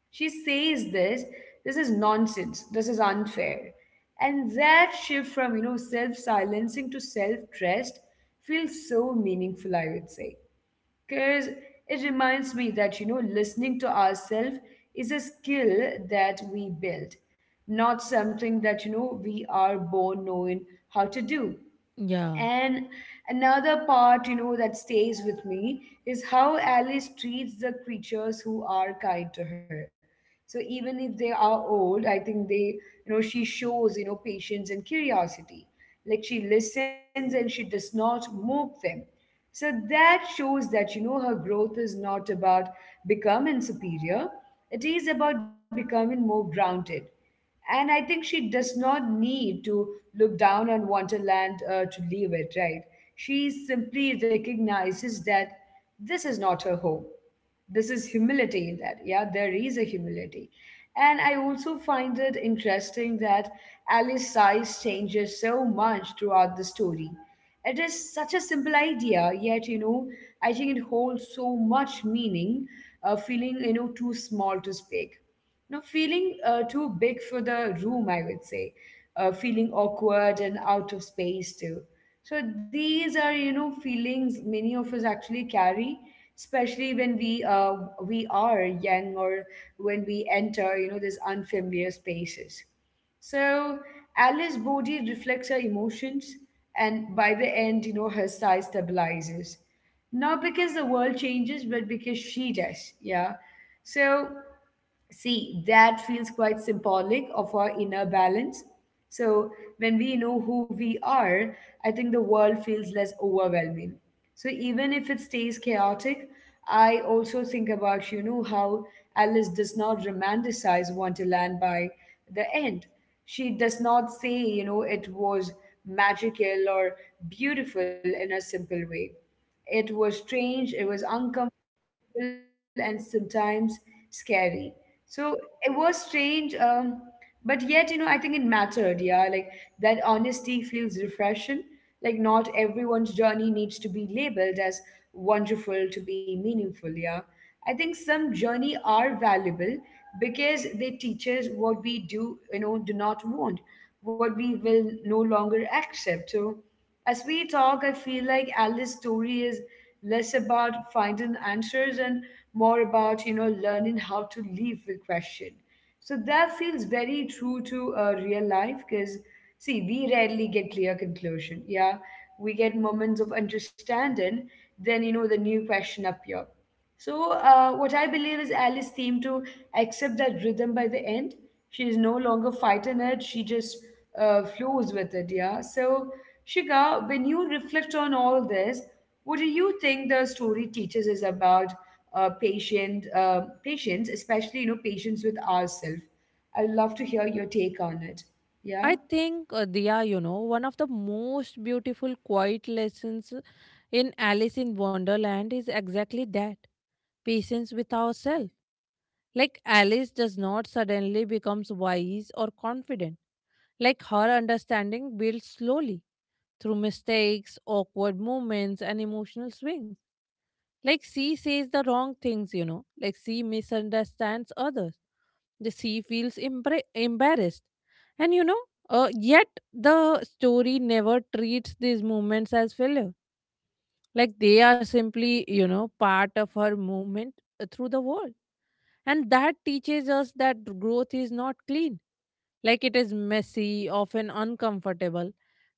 A: She says this is nonsense, this is unfair. And that shift from self silencing to self trust feels so meaningful, I would say. Because it reminds me that listening to ourselves is a skill that we build, not something that we are born knowing how to do.
B: Yeah.
A: And another part that stays with me is how Alice treats the creatures who are kind to her. So even if they are old, I think she shows patience and curiosity. Like she listens and she does not mock them. So that shows that her growth is not about becoming superior. It is about becoming more grounded. And I think she does not need to look down on Wonderland to leave it, right? She simply recognizes that this is not her home. This is humility in that. Yeah, there is a humility. And I also find it interesting that Alice's size changes so much throughout the story. It is such a simple idea, yet I think it holds so much meaning, feeling too small to speak. No feeling too big for the room, I would say, feeling awkward and out of space too. So these are feelings many of us actually carry, especially when we are young or when we enter these unfamiliar spaces. So Alice's body reflects her emotions, and by the end, her size stabilizes. Not because the world changes, but because she does. Yeah. So. See, that feels quite symbolic of our inner balance. So, when we know who we are, I think the world feels less overwhelming. So, even if it stays chaotic, I also think about how Alice does not romanticize Wonderland by the end. She does not say it was magical or beautiful in a simple way. It was strange, it was uncomfortable, and sometimes scary. So it was strange, but yet I think it mattered. Yeah, like that honesty feels refreshing. Like, not everyone's journey needs to be labeled as wonderful to be meaningful. Yeah, I think some journey are valuable because they teach us what we do not want, what we will no longer accept. So, as we talk, I feel like Alice's story is less about finding answers and more about learning how to live with question. So that feels very true to real life because, see, we rarely get clear conclusion. Yeah, we get moments of understanding, then the new question appear. So, what I believe is Alice seemed to accept that rhythm by the end. She is no longer fighting it, she just flows with it, yeah. So, Shika, when you reflect on all this, what do you think the story teaches us about patience, especially patience with ourselves? I'd love to hear your take on it. Yeah.
B: I think, Diya, you know, one of the most beautiful quiet lessons in Alice in Wonderland is exactly that patience with ourselves. Like, Alice does not suddenly becomes wise or confident. Like, her understanding builds slowly through mistakes, awkward moments, and emotional swings. Like she says the wrong things, you know. Like she misunderstands others. The She feels embarrassed. And you know, yet the story never treats these moments as failure. Like they are simply, you know, part of her movement through the world. And that teaches us that growth is not clean. Like it is messy, often uncomfortable.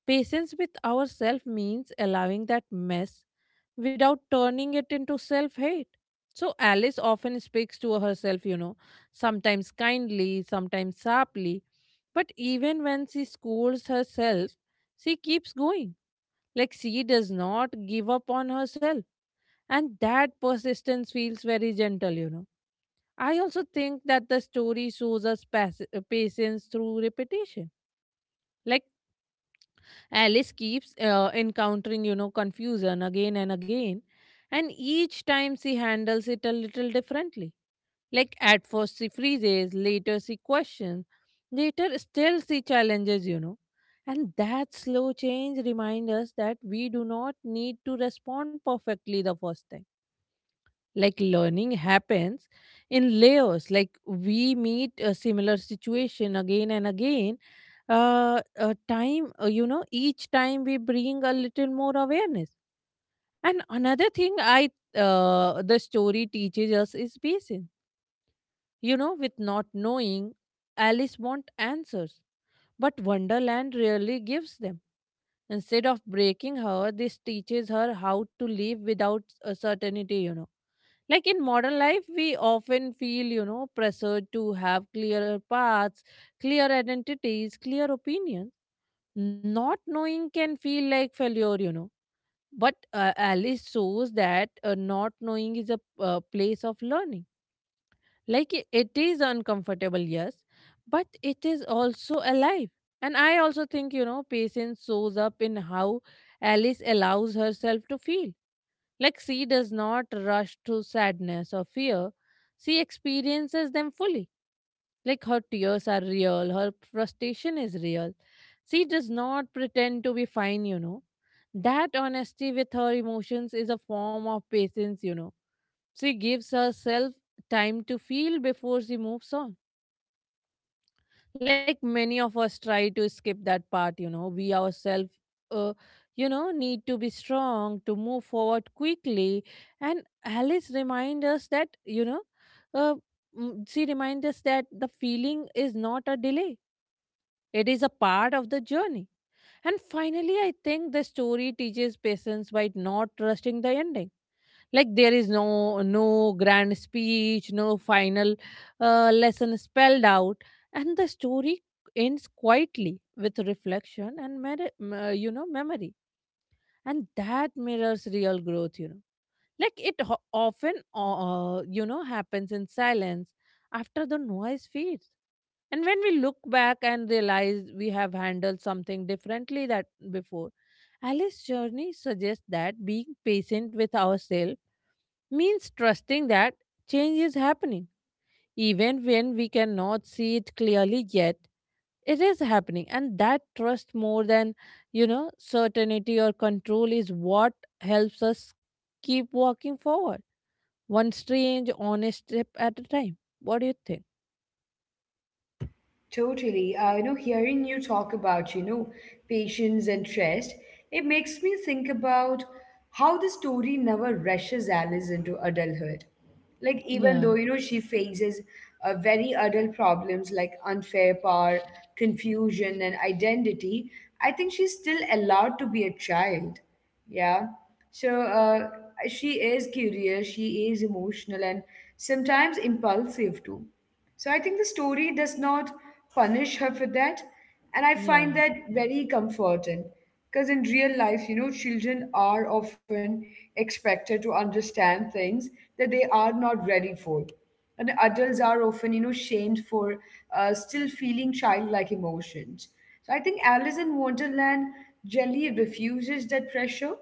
B: Patience with ourselves means allowing that mess without turning it into self hate. So Alice often speaks to herself, you know, sometimes kindly, sometimes sharply. But even when she scolds herself, she keeps going. Like she does not give up on herself. And that persistence feels very gentle, you know. I also think that the story shows us patience through repetition like Alice keeps encountering, you know, confusion again and again, and each time she handles it a little differently. Like at first she freezes, later she questions, later still she challenges, you know. And that slow change reminds us that we do not need to respond perfectly the first time, like learning happens in layers. Like we meet a similar situation again and again, time, each time we bring a little more awareness. And another thing I the story teaches us is patience, you know, with not knowing. Alice wants answers, but Wonderland rarely gives them. Instead of breaking her, this teaches her how to live without a certainty, you know. Like in modern life, we often feel, you know, pressured to have clearer paths, clear identities, clear opinions. Not knowing can feel like failure, you know. But Alice shows that not knowing is a place of learning. Like it is uncomfortable, yes, but it is also alive. And I also think, you know, patience shows up in how Alice allows herself to feel. Like she does not rush to sadness or fear. She experiences them fully. Like her tears are real, her frustration is real. She does not pretend to be fine, you know. That honesty with her emotions is a form of patience, you know. She gives herself time to feel before she moves on. Like many of us try to skip that part, you know. We ourselves, uh, you know, need to be strong to move forward quickly. And Alice reminds us that, you know uh, she reminds us that the feeling is not a delay, it is a part of the journey. And finally, I think the story teaches patience by not trusting the ending. Like there is no grand speech, no final lesson spelled out. And the story ends quietly with reflection and memory. And that mirrors real growth, you know. Like it often happens in silence after the noise fades. And when we look back and realize we have handled something differently that before, Alice's journey suggests that being patient with ourselves means trusting that change is happening. Even when we cannot see it clearly yet, it is happening. And that trust, more than, you know, certainty or control, is what helps us keep walking forward, one strange, honest step at a time. What do you think?
A: Totally. Hearing you talk about patience and trust, it makes me think about how the story never rushes Alice into adulthood. Like, even
B: Yeah,
A: though she faces very adult problems like unfair power, confusion, and identity, I think she's still allowed to be a child. Yeah. So she is curious, she is emotional, and sometimes impulsive too. So I think the story does not punish her for that. And I
B: yeah,
A: find that very comforting because in real life, children are often expected to understand things that they are not ready for, and adults are often shamed for still feeling childlike emotions. So I think Alice in Wonderland generally refuses that pressure.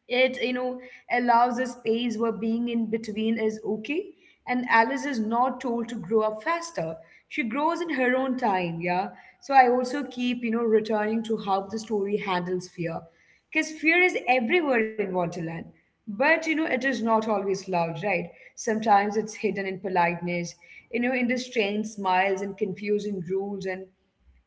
A: It allows a space where being in between is okay, and Alice is not told to grow up faster. She grows in her own time. Yeah. So I also keep returning to how the story handles fear, because fear is everywhere in Wonderland, but it is not always loud, right? Sometimes it's hidden in politeness, in the strange smiles and confusing rules, and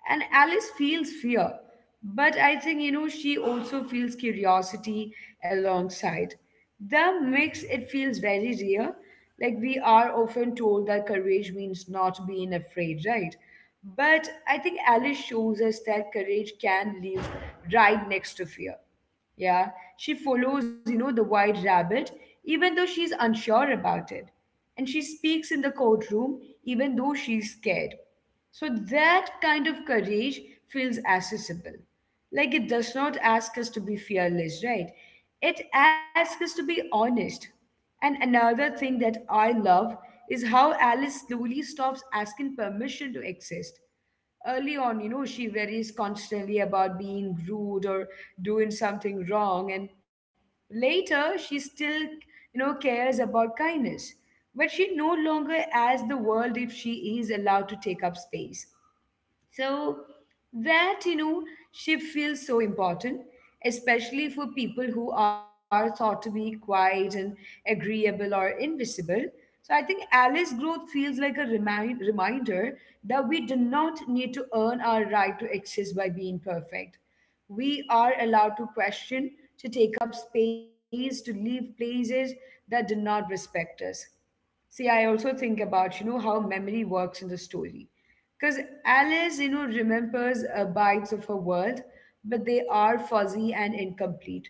A: and Alice feels fear, but I think, she also feels curiosity alongside. The mix, it feels very real. Like we are often told that courage means not being afraid, right? But I think Alice shows us that courage can live right next to fear. Yeah, she follows the white rabbit, even though she's unsure about it. And she speaks in the courtroom, even though she's scared. So that kind of courage feels accessible. Like it does not ask us to be fearless, right? It asks us to be honest. And another thing that I love is how Alice slowly stops asking permission to exist. Early on, she worries constantly about being rude or doing something wrong. And later, she still cares about kindness. But she no longer asks the world if she is allowed to take up space. So that shift feels so important, especially for people who are thought to be quiet and agreeable or invisible. So I think Alice growth feels like a reminder that we do not need to earn our right to exist by being perfect. We are allowed to question, to take up space, to leave places that do not respect us. See, I also think about how memory works in the story. Because Alice remembers bites of her world, but they are fuzzy and incomplete.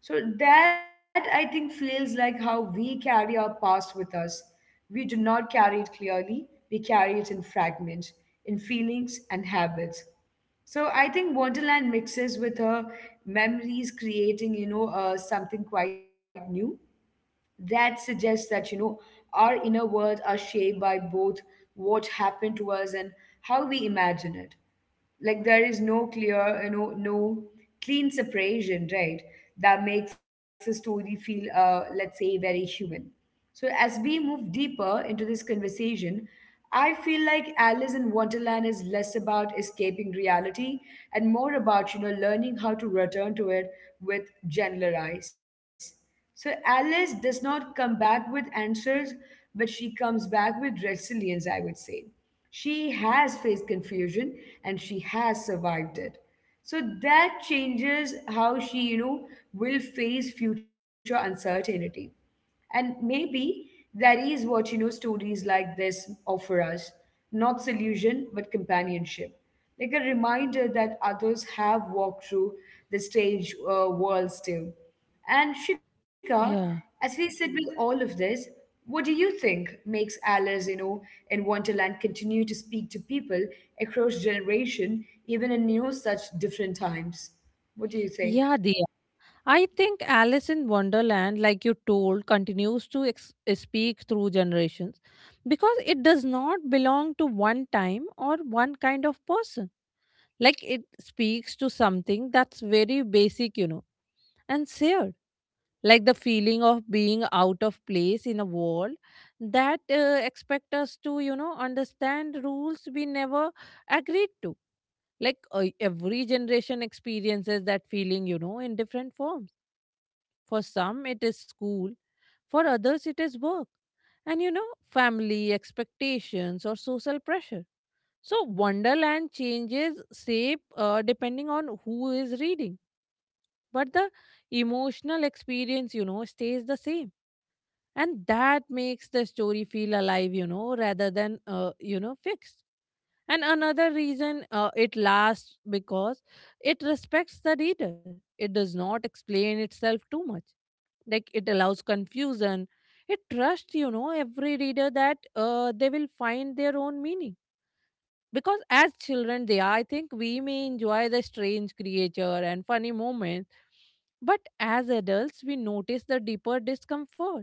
A: So that, I think, feels like how we carry our past with us. We do not carry it clearly, we carry it in fragments, in feelings and habits. So I think Wonderland mixes with her memories, creating something quite new. That suggests that our inner worlds are shaped by both what happened to us and how we imagine it. Like there is no clean separation, right? That makes the story feel, let's say, very human. So, as we move deeper into this conversation, I feel like Alice in Wonderland is less about escaping reality and more about learning how to return to it with gentler eyes. So, Alice does not come back with answers, but she comes back with resilience, I would say. She has faced confusion and she has survived it. So, that changes how she will face future uncertainty. And maybe that is what stories like this offer us, not solution, but companionship. Like a reminder that others have walked through the stage worlds too. And Shika,
B: yeah.
A: as we sit with all of this, what do you think makes Alice in Wonderland continue to speak to people across generation, even in such different times? What do you think?
B: Yeah, I think Alice in Wonderland, like you told, continues to speak through generations because it does not belong to one time or one kind of person. Like it speaks to something that's very basic, you know, and shared. Like the feeling of being out of place in a world that expect us to, you know, understand rules we never agreed to. Like every generation experiences that feeling, you know, in different forms. For some, it is school, for others, it is work, and, you know, family expectations or social pressure. So Wonderland changes shape depending on who is reading, but the emotional experience, you know, stays the same. And that makes the story feel alive, you know, rather than, fixed. And another reason it lasts because it respects the reader. It does not explain itself too much. Like it allows confusion, it trusts, you know, every reader that they will find their own meaning. Because as children they are, I think, we may enjoy the strange creature and funny moments, but as adults we notice the deeper discomfort,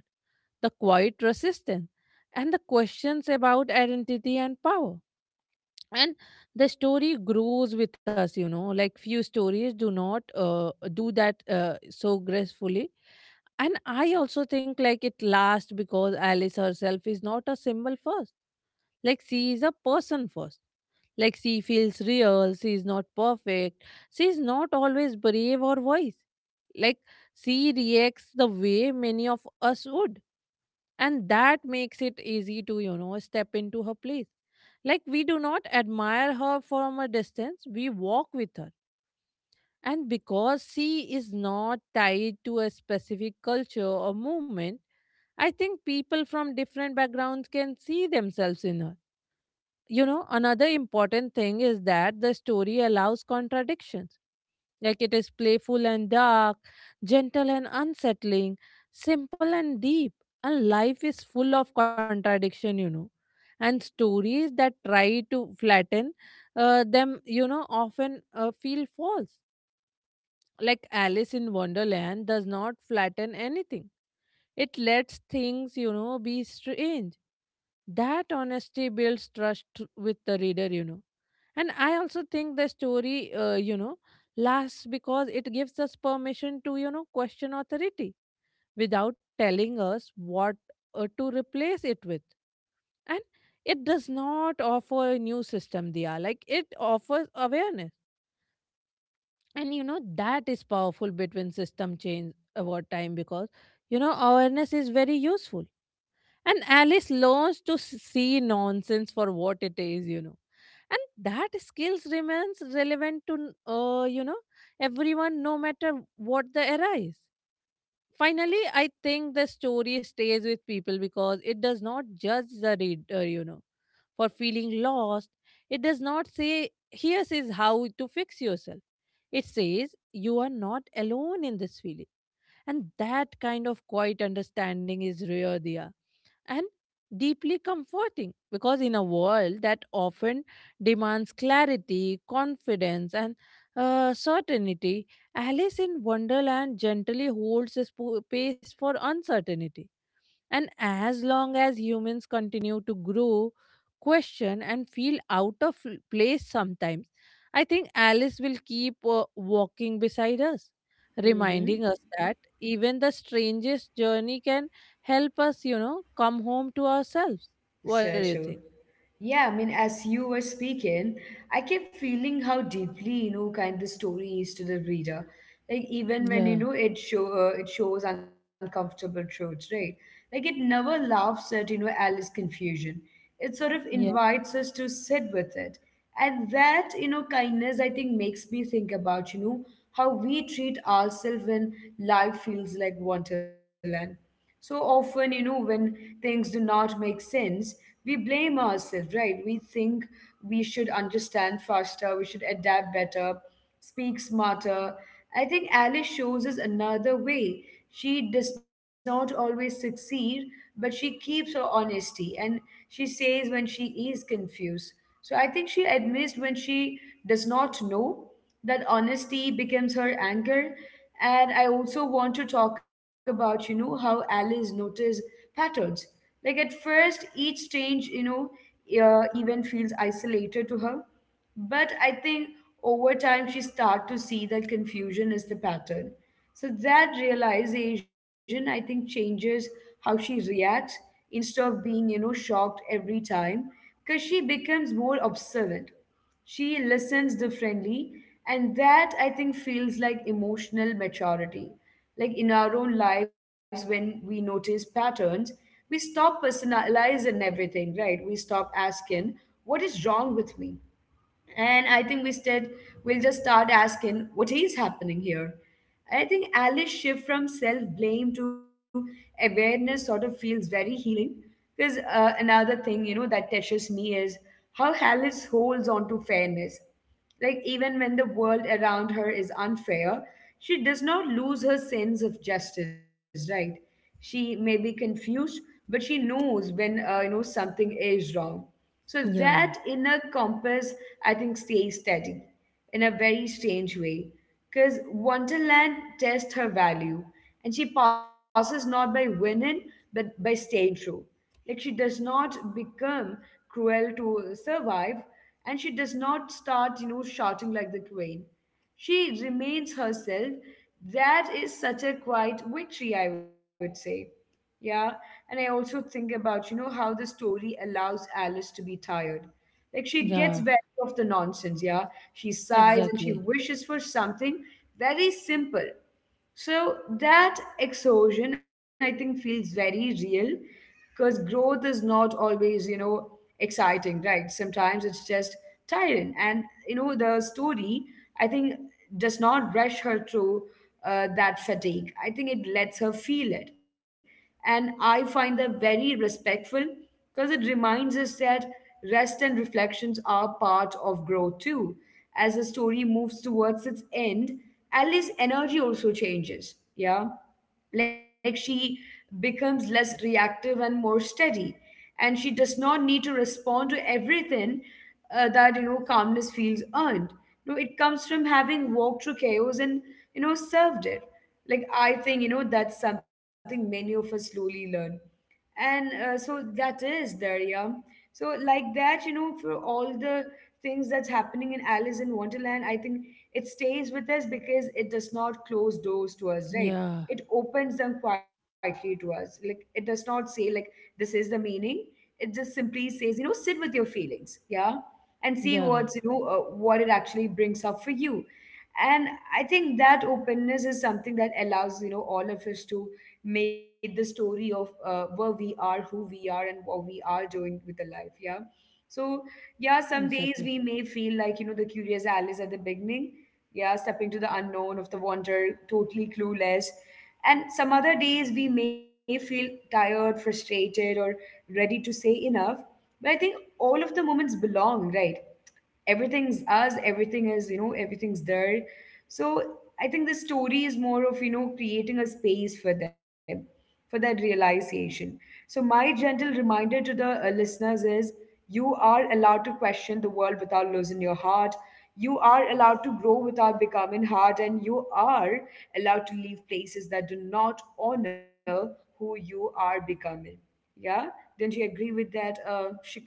B: the quiet resistance, and the questions about identity and power. And the story grows with us, you know, like few stories do not do that so gracefully. And I also think, like, it lasts because Alice herself is not a symbol first, like she is a person first. Like she feels real, she is not perfect, she is not always brave or wise. Like she reacts the way many of us would, and that makes it easy to, you know, step into her place. Like we do not admire her from a distance, we walk with her. And because she is not tied to a specific culture or movement, I think people from different backgrounds can see themselves in her. You know, another important thing is that the story allows contradictions. Like it is playful and dark, gentle and unsettling, simple and deep. And life is full of contradiction, you know. And stories that try to flatten them, you know, often feel false. Like Alice in Wonderland does not flatten anything, it lets things, you know, be strange. That honesty builds trust with the reader, you know. And I also think the story, lasts because it gives us permission to, you know, question authority without telling us what to replace it with. And it does not offer a new system, they are like it offers awareness. And, you know, that is powerful between system change over time because, you know, awareness is very useful. And Alice learns to see nonsense for what it is, you know. And that skills remains relevant to, everyone, no matter what the era is. Finally, I think the story stays with people because it does not judge the reader, you know, for feeling lost. It does not say, here is how to fix yourself. It says you are not alone in this feeling. And that kind of quiet understanding is rare, Dia, and deeply comforting, because in a world that often demands clarity, confidence, and certainty, Alice in Wonderland gently holds a space for uncertainty. And as long as humans continue to grow, question, and feel out of place sometimes, I think Alice will keep walking beside us,
A: Mm-hmm.
B: reminding us that even the strangest journey can help us, you know, come home to ourselves. What do you
A: So
B: think?
A: true. Yeah, I mean, as you were speaking, I kept feeling how deeply kind the story is to the reader. Like even when
B: Yeah,
A: it shows uncomfortable truths, right? Like it never laughs at Alice's confusion. It sort of
B: yeah,
A: invites us to sit with it, and that kindness I think makes me think about how we treat ourselves when life feels like Wonderland so often, when things do not make sense, we blame ourselves, right? We think we should understand faster, we should adapt better, speak smarter. I think Alice shows us another way. She does not always succeed, but she keeps her honesty and she says when she is confused. So I think she admits when she does not know that honesty becomes her anchor. And I also want to talk about, how Alice noticed patterns. Like at first, each change, even feels isolated to her. But I think over time, she start to see that confusion is the pattern. So that realization, I think, changes how she reacts instead of being, shocked every time because she becomes more observant. She listens differently, and that I think feels like emotional maturity. Like in our own lives, when we notice patterns, we stop personalizing everything, right? We stop asking, what is wrong with me? And I think we said we'll just start asking what is happening here. I think Alice's shift from self blame to awareness sort of feels very healing. Because another thing, that touches me is how Alice holds on to fairness. Like, even when the world around her is unfair, she does not lose her sense of justice, right? She may be confused, but she knows when, something is wrong. So
B: yeah,
A: that inner compass, I think, stays steady in a very strange way because Wonderland tests her value and she passes not by winning but by staying true. Like she does not become cruel to survive, and she does not start, shouting like the queen. She remains herself. That is such a quiet victory, I would say. Yeah, and I also think about, how the story allows Alice to be tired. Like she gets very
B: yeah,
A: of the nonsense, yeah. She sighs and she
B: exactly.
A: wishes for something very simple. So that exhaustion, I think, feels very real because growth is not always, exciting, right? Sometimes it's just tiring. And, the story, I think, does not rush her through that fatigue. I think it lets her feel it. And I find that very respectful because it reminds us that rest and reflections are part of growth too. As the story moves towards its end, Alice's energy also changes. Yeah. Like she becomes less reactive and more steady. And she does not need to respond to everything. That calmness feels earned. No, it comes from having walked through chaos and, served it. Like I think, that's something many of us slowly learn, and so that is there, yeah. So like that, for all the things that's happening in Alice in Wonderland, I think it stays with us because it does not close doors to us, right?
B: Yeah,
A: It opens them quietly to us. Like, it does not say, like, this is the meaning. It just simply says, sit with your feelings, yeah. And see
B: yeah,
A: what's what it actually brings up for you. And I think that openness is something that allows all of us to make the story of where we are, who we are, and what we are doing with the life, yeah. So, yeah, some days
B: exactly.
A: we may feel like the curious Alice at the beginning, yeah, stepping to the unknown of the wonder, totally clueless. And some other days we may feel tired, frustrated, or ready to say enough. But I think all of the moments belong, right? Everything's us, everything is, everything's there. So, I think the story is more of creating a space for them, for that realization. So my gentle reminder to the listeners is, you are allowed to question the world without losing your heart. You are allowed to grow without becoming hard. And you are allowed to leave places that do not honor who you are becoming, yeah. Don't you agree with that, Shika?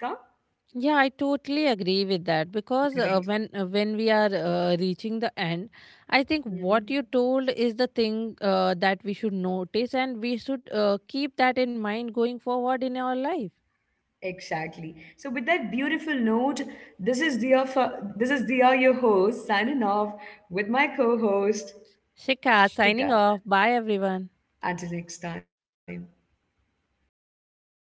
B: Yeah, I totally agree with that, because
A: Great.
B: when we are reaching the end, I think what
A: Mhm.
B: you told is the thing that we should notice and we should keep that in mind going forward in our life.
A: Exactly. So with that beautiful note, this is Dia. This is Dia, your host, signing off with my co-host
B: Shikha, signing
A: Shika.
B: off. Bye, everyone.
A: Until next time.